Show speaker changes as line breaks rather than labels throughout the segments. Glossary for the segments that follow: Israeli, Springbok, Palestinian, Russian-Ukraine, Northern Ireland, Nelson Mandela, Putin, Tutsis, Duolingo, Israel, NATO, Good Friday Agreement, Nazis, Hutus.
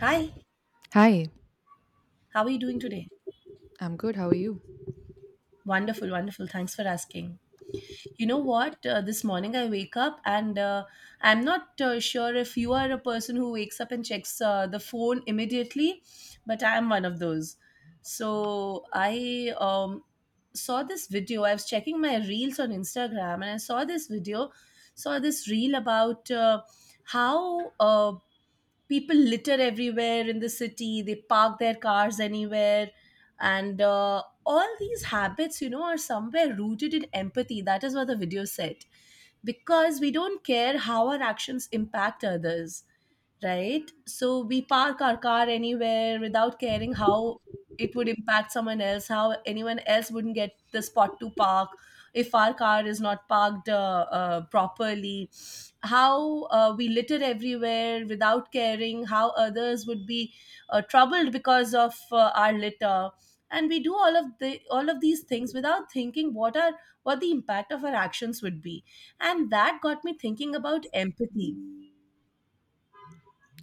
Hi,
Hi.
how are you doing today?
I'm good. How are you?
Wonderful, wonderful. Thanks for asking. You know what? This morning I wake up and I'm not sure if you are a person who wakes up and checks the phone immediately, but I'm one of those. So I saw this video. I was checking my reels on Instagram and I saw this video, saw this reel about how people litter everywhere in the city. They park their cars anywhere and all these habits, you know, are somewhere rooted in empathy. That is what the video said, because we don't care how our actions impact others, right? So we park our car anywhere without caring how it would impact someone else, how anyone else wouldn't get the spot to park if our car is not parked properly, how we litter everywhere without caring how others would be troubled because of our litter. And we do all of these things without thinking what the impact of our actions would be. And that got me thinking about empathy.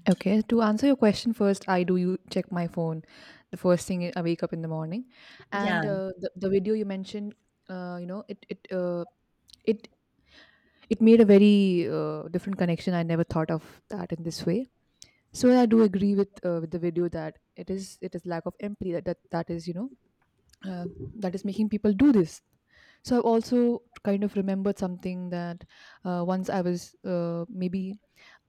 Okay, to answer your question first, I do, you check my phone the first thing I wake up in the morning,
Yeah,
and the video you mentioned, uh, you know, it it uh, it it made a very different connection. I never thought of that in this way. So I do agree with the video that it is lack of empathy that is uh, making people do this. So I've also kind of remembered something that uh, once I was uh, maybe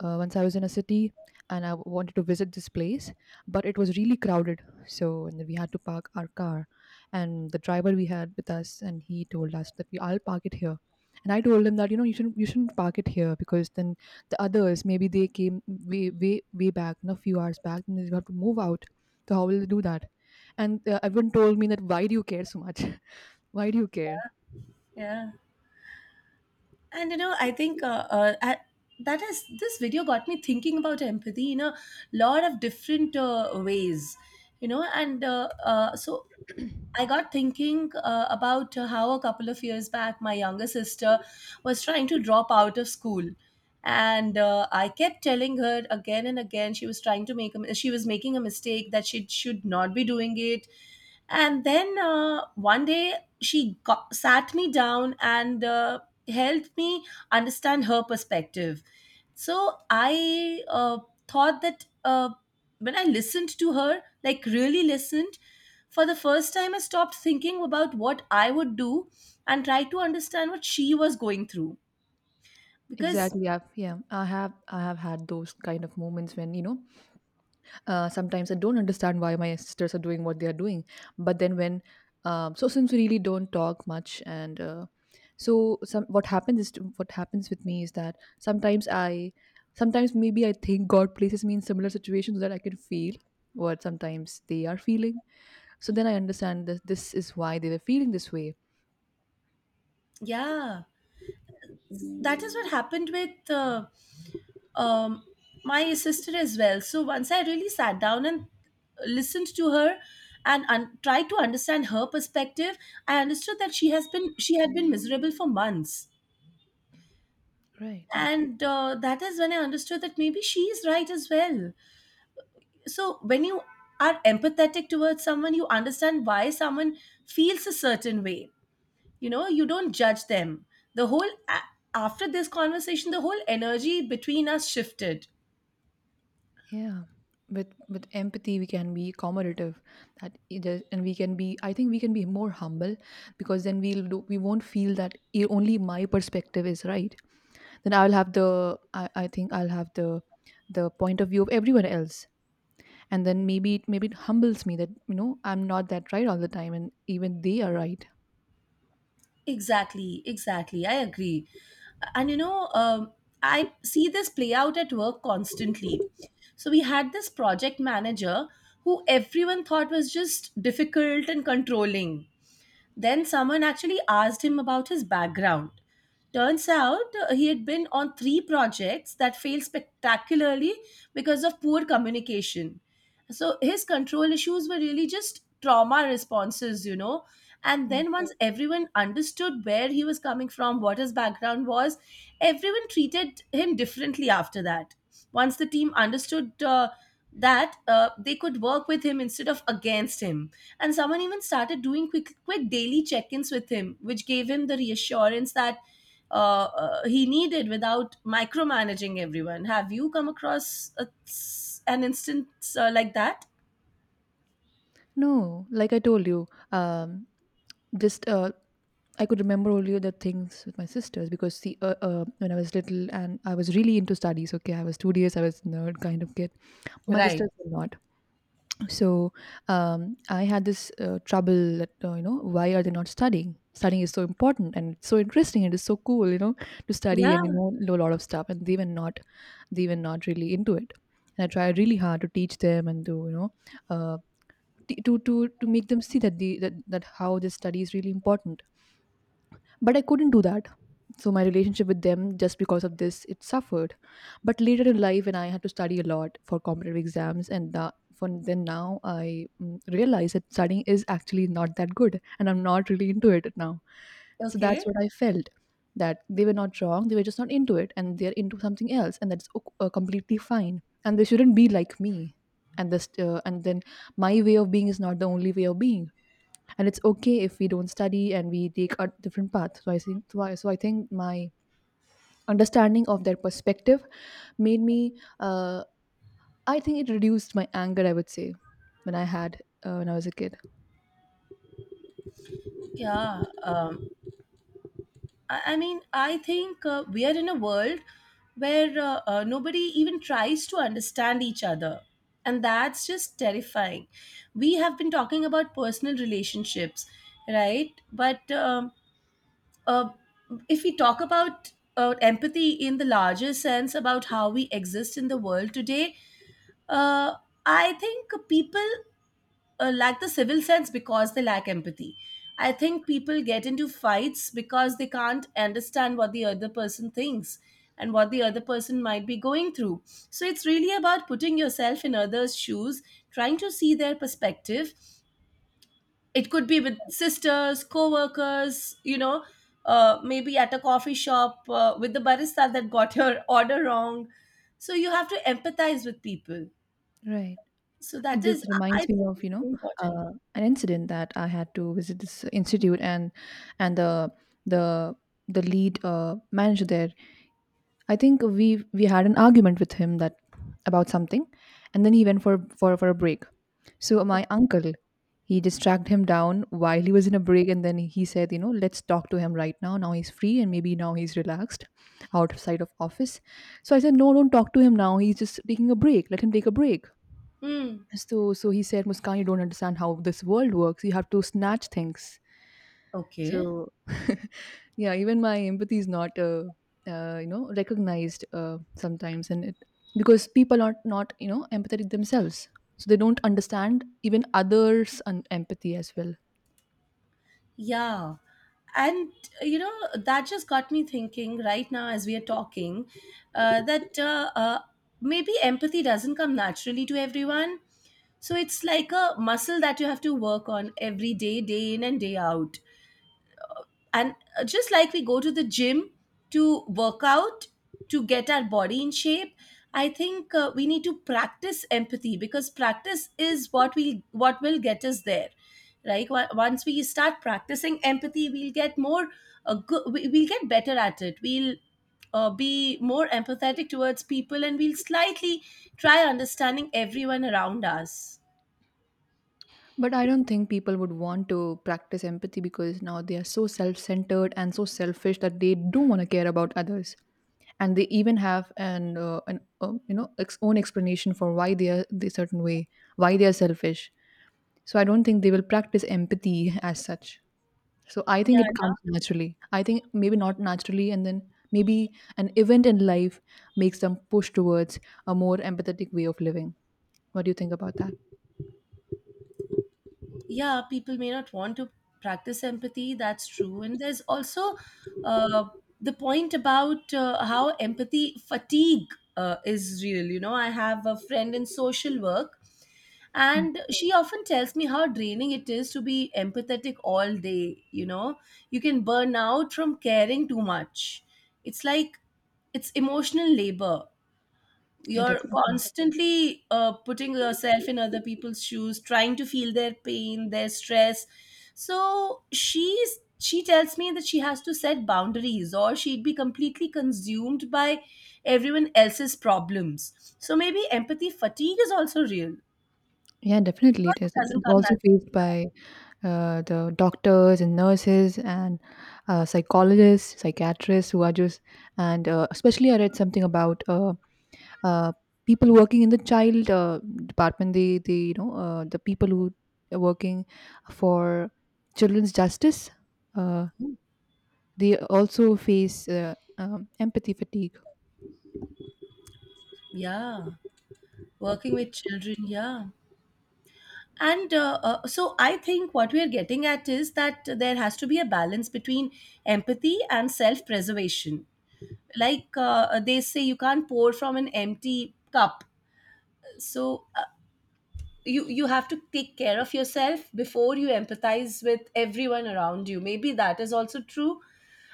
once I was in a city and I wanted to visit this place, but it was really crowded. So and we had to park our car. And the driver we had with us, and he told us that we I'll park it here. And I told him that you shouldn't park it here because then the others maybe they came way way way back, a few hours back, and they have to move out. So how will they do that? And everyone told me that why do you care so much? Why do you care?
yeah. And you know, I think that is, this video got me thinking about empathy in a lot of different ways, you know. And uh, uh, so I got thinking about how a couple of years back my younger sister was trying to drop out of school. And I kept telling her again and again she was trying she was making a mistake, that she should not be doing it. And then one day she got, sat me down and helped me understand her perspective. So I thought that when I listened to her, like really listened, for the first time, I stopped thinking about what I would do and tried to understand what she was going through. Because,
Exactly. Yeah, yeah. I have had those kind of moments when sometimes I don't understand why my sisters are doing what they are doing. But then so since we really don't talk much, and so some what happens is to, what happens with me is that sometimes maybe I think God places me in similar situations so that I can feel what sometimes they are feeling. So then I understand that this is why they were feeling this way.
yeah, that is what happened with um, my sister as well. So once I really sat down and listened to her and tried to understand her perspective, I understood that she had been miserable for months.
Right.
And that is when I understood that maybe she is right as well. So when you are empathetic towards someone, you understand why someone feels a certain way. You know, you don't judge them. the whole a- After this conversation, the whole energy between us shifted.
Yeah, with empathy we can be accommodative, that it is, and we can be. I think we can be more humble because then we won't feel that only my perspective is right. Then I'll have the I think I'll have the point of view of everyone else, and then maybe it humbles me that I'm not that right all the time, and even they are right.
Exactly, exactly, I agree. And you know, I see this play out at work constantly. So we had this project manager who everyone thought was just difficult and controlling. Then someone actually asked him about his background. Turns out he had been on three projects that failed spectacularly because of poor communication. So his control issues were really just trauma responses, you know, and
Mm.
then once everyone understood where he was coming from, what his background was, everyone treated him differently after that. Once the team understood that they could work with him instead of against him. And someone even started doing quick daily check-ins with him, which gave him the reassurance that he needed without micromanaging everyone. Have you come across an instance like that?
No, like I told you, just, I could remember only the things with my sisters because see, when I was little and I was really into studies. Okay, I was studious, I was nerd kind of kid. My
Right.
sisters were not. So I had this trouble that why are they not studying? Studying is so important and it's so interesting. And it is so cool, you know, to study
Yeah.
and know a lot of stuff. And they were not, really into it. And I tried really hard to teach them and to uh, t- to to make them see that how this study is really important, but I couldn't do that. So my relationship with them, just because of this, it suffered. But later in life, when I had to study a lot for competitive exams, and from then now, I realized that studying is actually not that good, and I'm not really into it now. So
Okay.
that's what I felt, that they were not wrong, they were just not into it, and they're into something else, and that's completely fine. And they shouldn't be like me. And then my way of being is not the only way of being, and it's okay if we don't study and we take a different path. So I think so I think my understanding of their perspective made me, I think it reduced my anger, I would say, when I had when I was a kid.
Yeah. I mean, I think we are in a world where nobody even tries to understand each other. And that's just terrifying. We have been talking about personal relationships, right? But uh, if we talk about empathy in the larger sense, about how we exist in the world today, uh, I think people lack the civil sense because they lack empathy. I think people get into fights because they can't understand what the other person thinks and what the other person might be going through. So it's really about putting yourself in others' shoes, trying to see their perspective. It could be with sisters, co-workers, you know, maybe at a coffee shop with the barista that got your order wrong. So you have to empathize with people.
Right.
So that
And this
is, I
reminds me
think,
of
it's very important.
uh, an incident that I had to visit this institute, and and the the the lead manager there, I think we had an argument with him that about something, and then he went for a break. So my uncle, he just tracked him down while he was in a break, and then he said, let's talk to him right now. Now he's free, and maybe now he's relaxed, outside of office. So I said, no, don't talk to him now. He's just taking a break. Let him take a break.
Hmm.
So he said, Muskan, you don't understand how this world works. You have to snatch things.
Okay.
So yeah, even my empathy is not recognized sometimes, and it because people are not empathetic themselves, so they don't understand even others and empathy as well.
Yeah. And, you know, that just got me thinking right now as we are talking that maybe empathy doesn't come naturally to everyone. So it's like a muscle that you have to work on every day, day in and day out. And just like we go to the gym to work out to get our body in shape, I think we need to practice empathy, because practice is what we what will get us there, right? Once we start practicing empathy, we'll get more we'll get better at it, we'll be more empathetic towards people, and we'll slightly try understanding everyone around us.
But I don't think people would want to practice empathy, because now they are so self-centered and so selfish that they don't want to care about others, and they even have an own explanation for why they are the certain way, why they are selfish. So I don't think they will practice empathy as such. So I
Yeah.
think it comes naturally. I think maybe not naturally, and then maybe an event in life makes them push towards a more empathetic way of living. What do you think about that?
Yeah, people may not want to practice empathy, that's true. And there's also uh, the point about how empathy fatigue is real. You know, I have a friend in social work
Mm.
and she often tells me how draining it is to be empathetic all day. You know, you can burn out from caring too much. It's like, it's emotional labor.
Yeah,
You're
definitely.
constantly putting yourself in other people's shoes, trying to feel their pain, their stress. So she tells me that she has to set boundaries or she'd be completely consumed by everyone else's problems. So maybe empathy fatigue is also real,
Yeah, definitely.
because
It
it
is It-
doesn't
it's
come
also
natural.
faced by the doctors and nurses and psychologists, psychiatrists who are just, and especially I read something about Uh, people working in the child department. They, the people who are working for children's justice, uh, they also face empathy fatigue.
Yeah, working with children, yeah. And so I think what we're getting at is that there has to be a balance between empathy and self preservation. Like they say, you can't pour from an empty cup. So you you have to take care of yourself before you empathize with everyone around you. Maybe that is also true.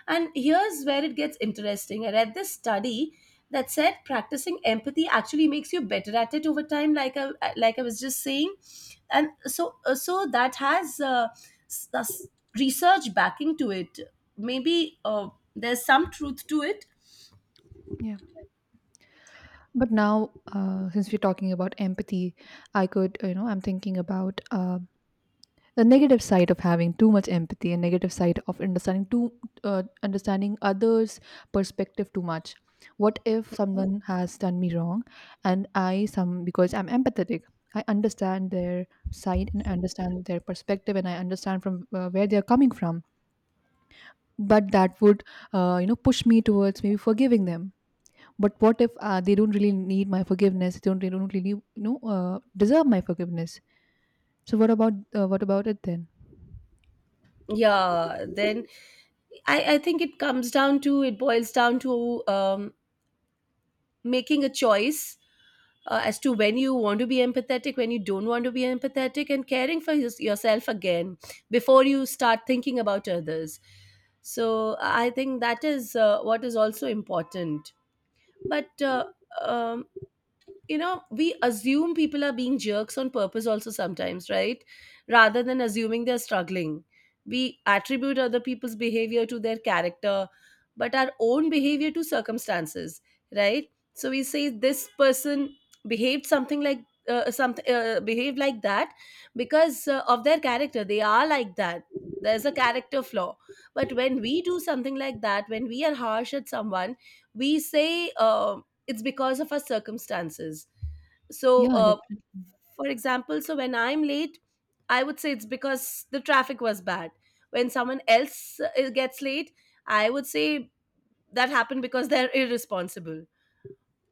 And here's where it gets interesting. I read this study that said practicing empathy actually makes you better at it over time, like I, like I was just saying. And so that has s- s- research backing to it. Maybe there's some truth to it.
Yeah. But now, since we're talking about empathy, I could, you know, I'm thinking about the negative side of having too much empathy and negative side of understanding others perspective too much. What if someone has done me wrong, and I some because I'm empathetic, I understand their side and understand their perspective, and I understand from where they're coming from, but that would push me towards maybe forgiving them. But what if they don't really need my forgiveness? They don't really deserve my forgiveness. So what about it then?
Yeah, then I think it comes down to, it boils down to making a choice as to when you want to be empathetic, when you don't want to be empathetic, and caring for yourself again before you start thinking about others. So I think that is what is also important. But um, you know, we assume people are being jerks on purpose also sometimes, right, rather than assuming they're struggling. We attribute other people's behavior to their character but our own behavior to circumstances, right? So we say this person behaved something like something behaved like that because of their character, they are like that. There's a character flaw. But when we do something like that, when we are harsh at someone, we say um it's because of our circumstances. So
Yeah, definitely.
for example, so when I'm late, I would say it's because the traffic was bad. When someone else gets late, I would say that happened because they're irresponsible.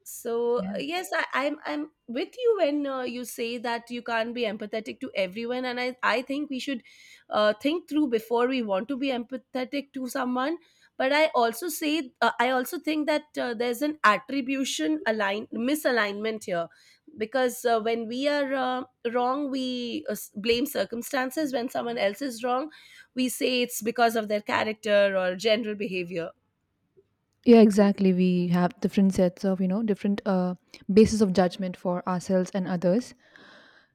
So
Yeah.
yes, I, I'm with you when you say that you can't be empathetic to everyone, and I think we should think through before we want to be empathetic to someone. But I also say I also think that there's an attribution align misalignment here, because when we are wrong, we blame circumstances. When someone else is wrong, we say it's because of their character or general behavior.
Yeah, exactly. We have different sets of, different bases of judgment for ourselves and others.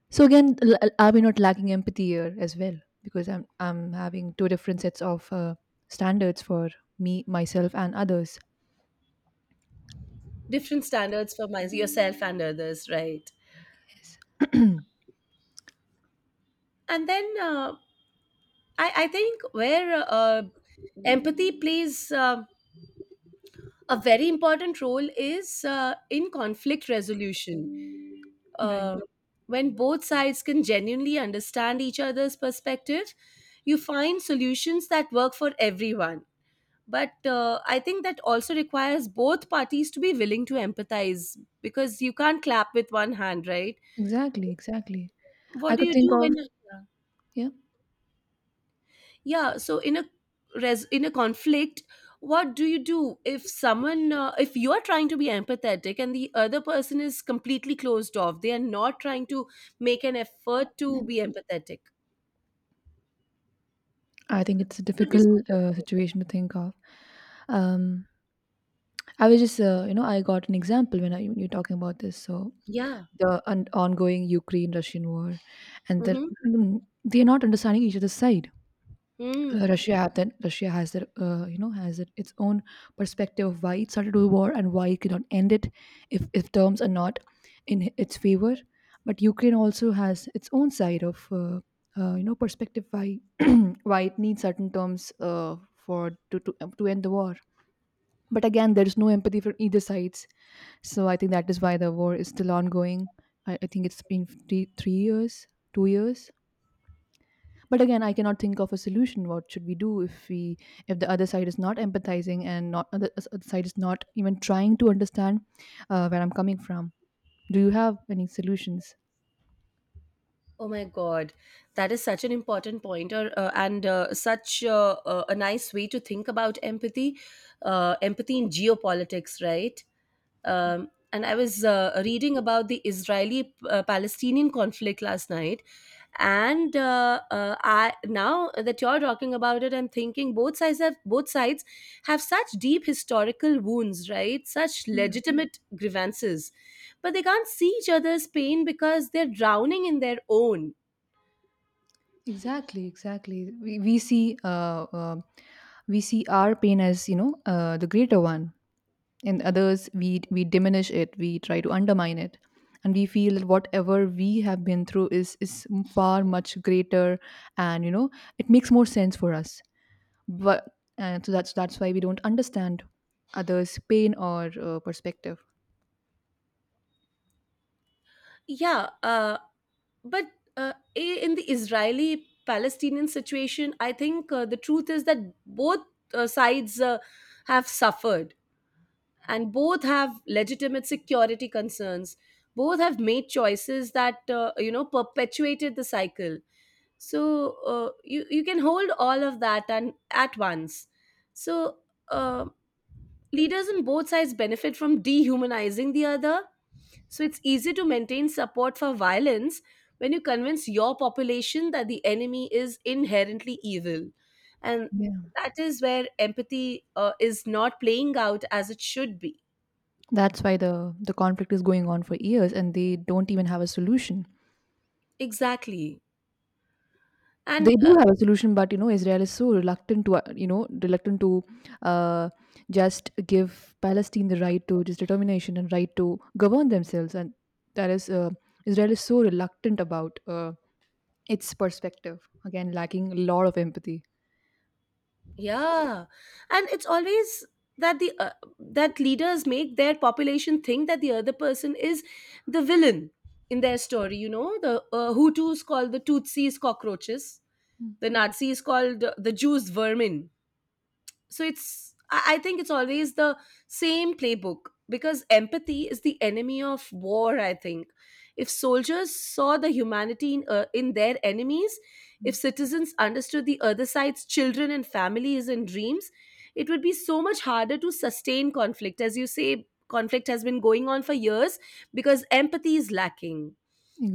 So again, are we not lacking empathy here as well? Because I'm having two different sets of standards for me, myself, and others.
Different standards for yourself and others, right?
Yes.
and then I think where empathy plays a very important role is in conflict resolution.
Right.
Uh, when both sides can genuinely understand each other's perspective, you find solutions that work for everyone. But I think that also requires both parties to be willing to empathize, because you can't clap with one hand, right?
Exactly. Exactly.
What
I
do
could
you
think
do
of,
when?
yeah.
Yeah, so in a in a conflict, what do you do if someone if you are trying to be empathetic and the other person is completely closed off, they are not trying to make an effort to be empathetic?
I think it's a
It would be so
difficult
frustrating.
situation to think of. Um, I was just, you know, I got an example when you're talking about this. So
Yeah.
the on ongoing Ukraine-Russian war, and they're,
Mm-hmm.
mm, they're not understanding each other's side. uh,
Mm.
Russia had that Russia has their you know has it, its own perspective of why it started the war and why it cannot end it if terms are not in its favor. But Ukraine also has its own side of, perspective, why why it needs certain terms for to end the war. But again, there is no empathy from either sides. So I think that is why the war is still ongoing. I think it's been three, 3 years, 2 years, but again, I cannot think of a solution. What should we do if we if the other side is not empathizing, and not other side is not even trying to understand where I'm coming from? Do you have any solutions?
Oh my god, that is such an important point. Or uh, and uh, such uh, uh, a nice way to think about empathy, empathy in geopolitics, right? And I was reading about the Israeli Palestinian conflict last night. And I now that you're talking about it, I'm thinking both sides have, both sides have such deep historical wounds, right? Such
Yeah.
legitimate grievances, but they can't see each other's pain because they're drowning in their own.
Exactly, exactly, we, we see uh, um we see our pain as the greater one, and others we diminish it. We try to undermine it, and we feel that whatever we have been through is far much greater, and it makes more sense for us, but and so that's why we don't understand others pain or perspective.
Yeah, uh, but in the Israeli Palestinian situation I think the truth is that both sides have suffered, and both have legitimate security concerns. Both have made choices that perpetuated the cycle. So you can hold all of that and at once. so uh, Leaders on both sides benefit from dehumanizing the other. So it's easy to maintain support for violence when you convince your population that the enemy is inherently evil. And
Yeah.
that is where empathy is not playing out as it should be.
That's why the conflict is going on for years, and they don't even have a solution.
Exactly. And
They do have a solution, but Israel is so reluctant to, reluctant to, uh, just give Palestine the right to just determination and right to govern themselves, and that is, Israel is so reluctant about its perspective, again lacking a lot of empathy.
Yeah, and it's always that the that leaders make their population think that the other person is the villain in their story. You know, the Hutus called the Tutsis cockroaches, the Nazis called the Jews vermin. So it's i I think it's always the same playbook because empathy is the enemy of war, I think. If soldiers saw the humanity in their enemies,
Mhm.
if citizens understood the other side's children and families and dreams, it would be so much harder to sustain conflict. As you say, conflict has been going on for years because empathy is lacking.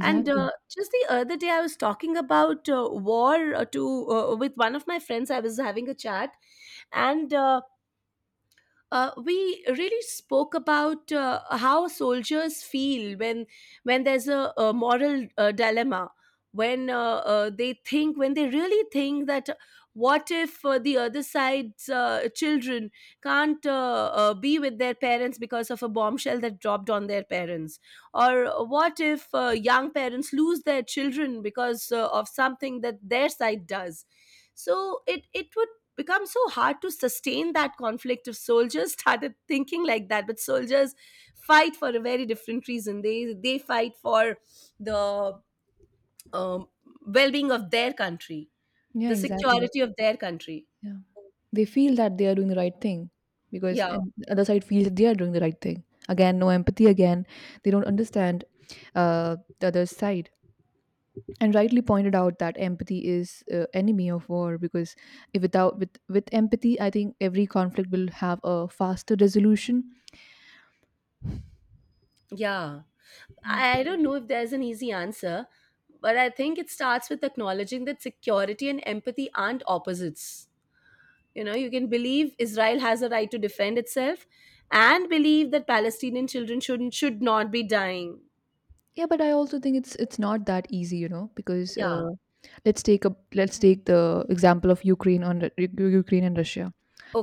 And Just the other day, I was talking about war to with one of my friends. I was having a chat, and we really spoke about how soldiers feel when there's a moral dilemma, when they really think that, what if the other side's children can't be with their parents because of a bombshell that dropped on their parents, or what if young parents lose their children because of something that their side does. So it would become so hard to sustain that conflict if soldiers started thinking like that. But soldiers fight for a very different reason. They fight for the um, well-being of their country,
Yeah.
the
Exactly.
security of their country.
Yeah. They feel that they are doing the right thing, because
Yeah,
and the other side feels that they are doing the right thing. Again, no empathy. Again, they don't understand the other side. And rightly pointed out that empathy is enemy of war because if without with with empathy, I think every conflict will have a faster resolution.
yeah, I don't know if there's an easy answer, but I think it starts with acknowledging that security and empathy aren't opposites. You know, you can believe Israel has a right to defend itself, and believe that Palestinian children should not be dying.
Yeah, but I also think it's not that easy, you know, because
Yeah.
let's take the example of Ukraine on Ru- Ru- Ukraine and Russia.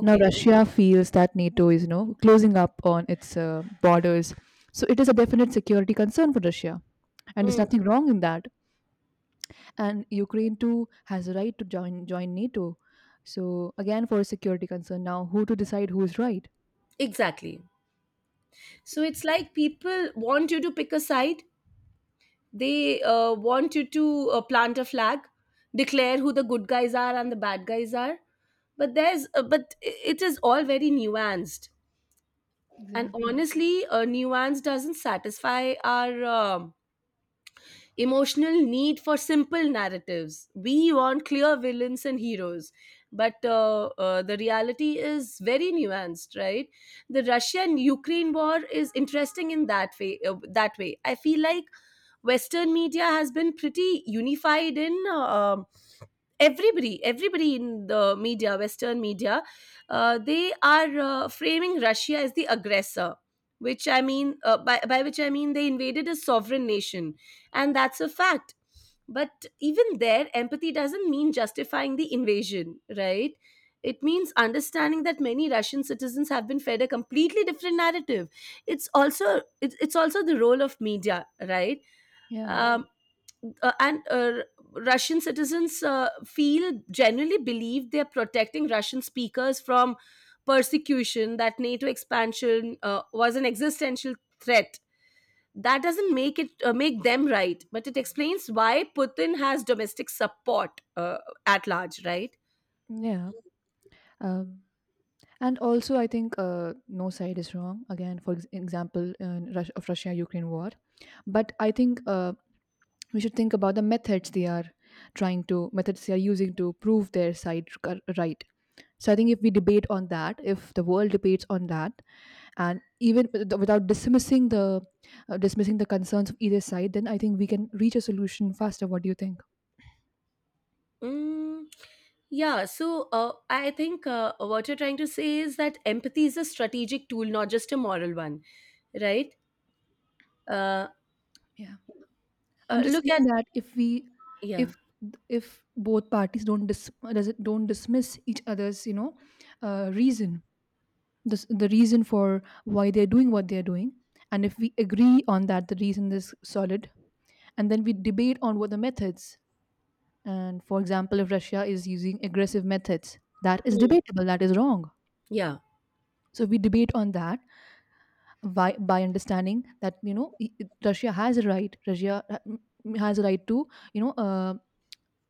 Now Russia feels that NATO is, you know, closing up on its borders, so it is a definite security concern for Russia, and there's
Mm,
nothing wrong in that. And Ukraine too has a right to join NATO. So again, for a security concern, now who to decide who is right?
exactly. So it's like people want you to pick a side. They want you to plant a flag, declare who the good guys are and the bad guys are. But it is all very nuanced. And
Exactly.
honestly, nuance doesn't satisfy our emotional need for simple narratives. We want clear villains and heroes. But the reality is very nuanced, right? The Russian-Ukraine war is interesting in that way. That way, I feel like Western media has been pretty unified in everybody in the media western media they are framing Russia as the aggressor, which I mean by which I mean they invaded a sovereign nation, and that's a fact. But even there, empathy doesn't mean justifying the invasion, right? It means understanding that many Russian citizens have been fed a completely different narrative. It's also the role of media, right?
Yeah,
Hmm. And Russian citizens feel generally believe they're protecting Russian speakers from persecution. That NATO expansion was an existential threat. That doesn't make it make them right, but it explains why Putin has domestic support at large, right?
yeah. Um, and also, I think no side is wrong. Again, for example, in of Russia-Ukraine war, but I think we should think about the methods they are trying to methods they are using to prove their side right. So I think if we debate on that, if the world debates on that, and even without dismissing the dismissing the concerns of either side, then I think we can reach a solution faster. What do you think?
Mm, yeah, so I think what you're trying to say is that empathy is a strategic tool, not just a moral one, right? Uh,
Yeah, I'm just
Look at
saying that if we
yeah.
if if both parties don't dis, does it don't dismiss each other's, you know, reason, the reason for why they're doing what they're doing, and if we agree on that, the reason is solid, and then we debate on what the methods. And for example, if Russia is using aggressive methods, that is
Hmm.
debatable, that is wrong.
Yeah.
So we debate on that by understanding that, you know, Russia has a right. Has a right to, you know,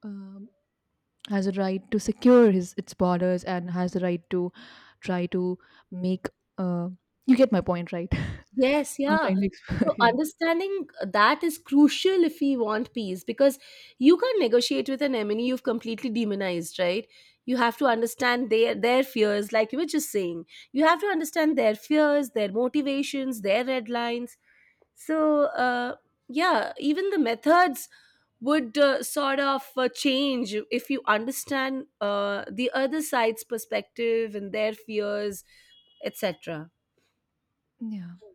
um has a right to secure his its borders and has a right to try to make uh, you get my point, right?
Yes,
I'm
yeah.
trying to
So
explain.
understanding that is crucial if we want peace, because you can't negotiate with an enemy you've completely demonized, right? You have to understand their fears, like you were just saying. You have to understand their fears, their motivations, their red lines. So yeah, even the methods would sort of change if you understand the other side's perspective and their fears, etc.
Yeah,
Mm.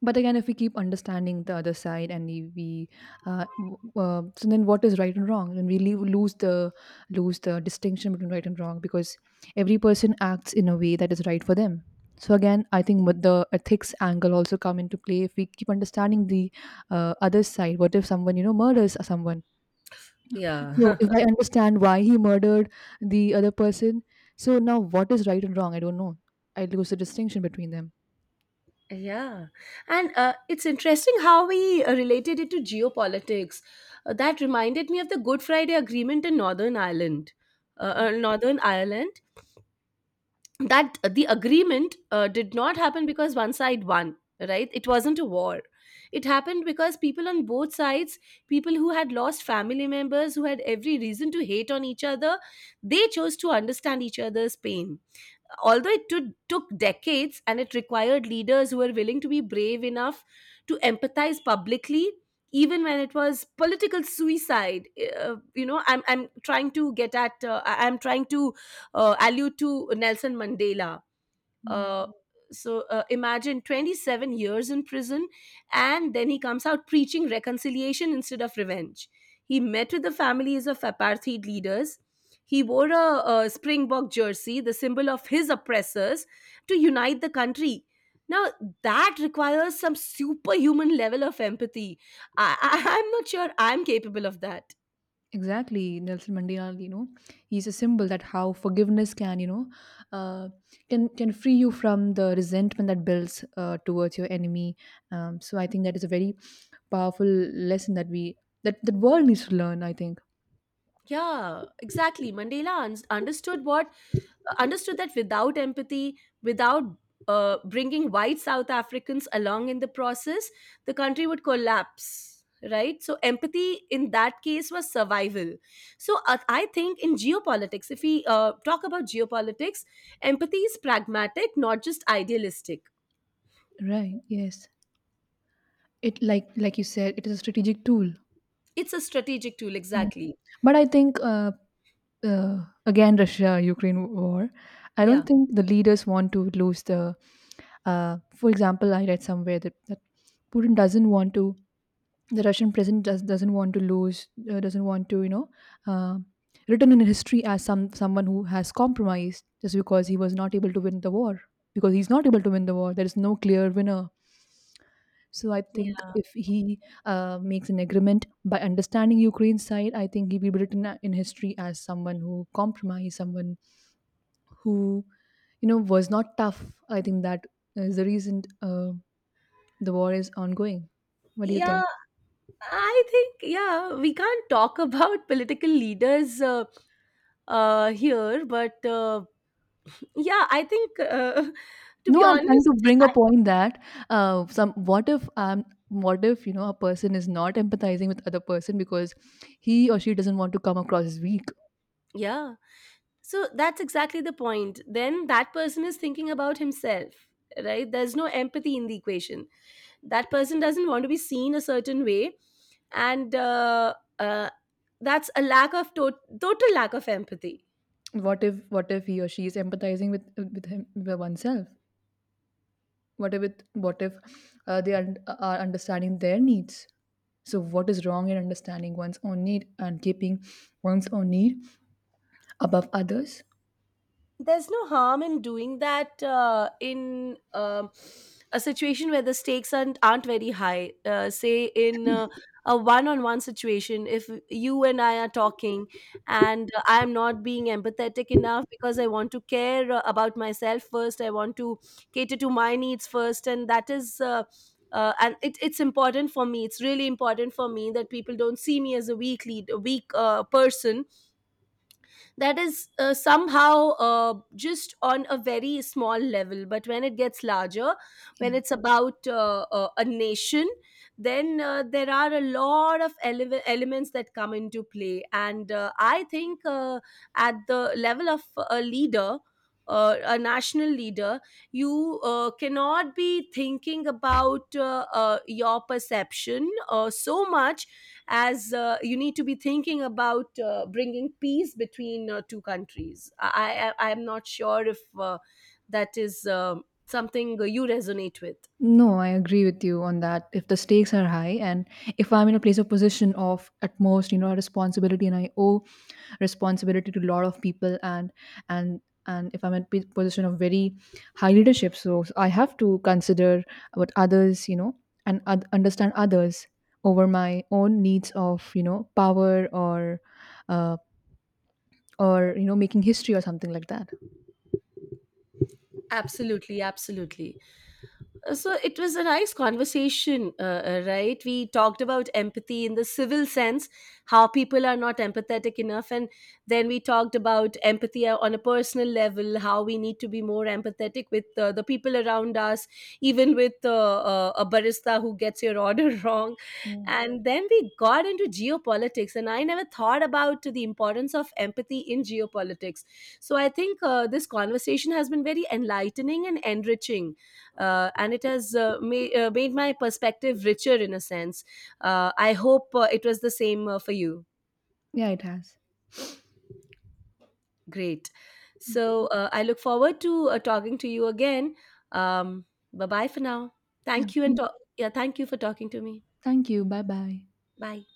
but again, if we keep understanding the other side, and so then what is right and wrong? Then we lose the distinction between right and wrong, because every person acts in a way that is right for them. So again, I think with the ethics angle also come into play. If we keep understanding the other side, what if someone, you know, murders someone?
Yeah,
So if I understand why he murdered the other person, so now what is right and wrong? I don't know. I lose the distinction between them.
yeah, and it's interesting how we related it to geopolitics. That reminded me of the Good Friday Agreement in Northern Ireland, uh,
Yeah.
uh, Northern Ireland, that the agreement did not happen because one side won, right? It wasn't a war. It happened because people on both sides, people who had lost family members, who had every reason to hate on each other, they chose to understand each other's pain, although it took decades, and it required leaders who were willing to be brave enough to empathize publicly even when it was political suicide. I'm trying to get at I'm trying to allude to Nelson Mandela.
Yeah.
uh, Imagine 27 years in prison, and then he comes out preaching reconciliation instead of revenge. He met with the families of apartheid leaders. He wore a Springbok jersey, the symbol of his oppressors, to unite the country. Now, that requires some superhuman level of empathy. I'm not sure I'm capable of that.
Exactly, Nelson Mandela. You know, he's a symbol that how forgiveness can, you know, uh, can free you from the resentment that builds towards your enemy. So I think that is a very powerful lesson that we that the world needs to learn. I think,
Yeah, exactly. Mandela understood what understood that without empathy, without bringing white South Africans along in the process, the country would collapse. Right, so empathy in that case was survival. So I think in geopolitics, if we talk about geopolitics, empathy is pragmatic, not just idealistic.
right? Yes, it, like you said, it is a strategic tool.
It's a strategic tool,
Yeah.
exactly.
But I think, again, Russia Ukraine war, I
Yeah,
don't think the leaders want to lose the. For example, I read somewhere that Putin doesn't want to. The Russian president doesn't want to lose. Doesn't want to, you know, Uh, written in history as someone who has compromised just because he was not able to win the war, because he's not able to win the war, there is no clear winner. So I think
yeah.
if he makes an agreement by understanding Ukraine's side, I think he will be written in history as someone who compromised, someone who, you know, was not tough. I think that is the reason the war is ongoing. What do you
Yeah,
think?
I think, yeah, we can't talk about political leaders here. But yeah, I think to
No,
be
I'm trying
honest,
to bring a
I,
point that some, what if what if, you know, a person is not empathizing with other person because he or she doesn't want to come across as weak?
yeah. So that's exactly the point. Then that person is thinking about himself, right? There's no empathy in the equation. That person doesn't want to be seen a certain way, and that's a lack of total lack of empathy.
What if, what if he or she is empathizing with him, with oneself? What if they are understanding their needs? So what is wrong in understanding one's own need and keeping one's own need above others?
There's no harm in doing that in a situation where the stakes aren't very high, say in a one-on-one situation. If you and I are talking, and I am not being empathetic enough because I want to care about myself first, I want to cater to my needs first, and that is it's important for me, it's really important for me, that people don't see me as a weak lead a weak person, that is somehow just on a very small level. But when it gets larger,
Yeah.
when it's about a nation, then there are a lot of elements that come into play, and I think at the level of a leader, a national leader, you cannot be thinking about your perception so much, as you need to be thinking about bringing peace between two countries. I'm not sure if that is something you resonate with.
No, I agree with you on that. If the stakes are high, and if I'm in a place of position of at most, you know, a responsibility, and I owe responsibility to a lot of people, and and and if I'm in a position of very high leadership, so I have to consider what others, you know, and understand others over my own needs of, you know, power or uh, or, you know, making history or something like that.
Absolutely, absolutely. So it was a nice conversation, right? We talked about empathy in the civil sense, how people are not empathetic enough. And then we talked about empathy on a personal level, how we need to be more empathetic with the people around us, even with a barista who gets your order wrong.
Mm.
And then we got into geopolitics. And I never thought about the importance of empathy in geopolitics. So I think this conversation has been very enlightening and enriching, and it has made my perspective richer in a sense. I hope it was the same for you.
Yeah, it has.
Great. So I look forward to talking to you again. Um, Bye bye for now.
Yeah.
Thank you and
Yeah.
yeah, thank you for talking to me.
Thank you. Bye bye.
Bye.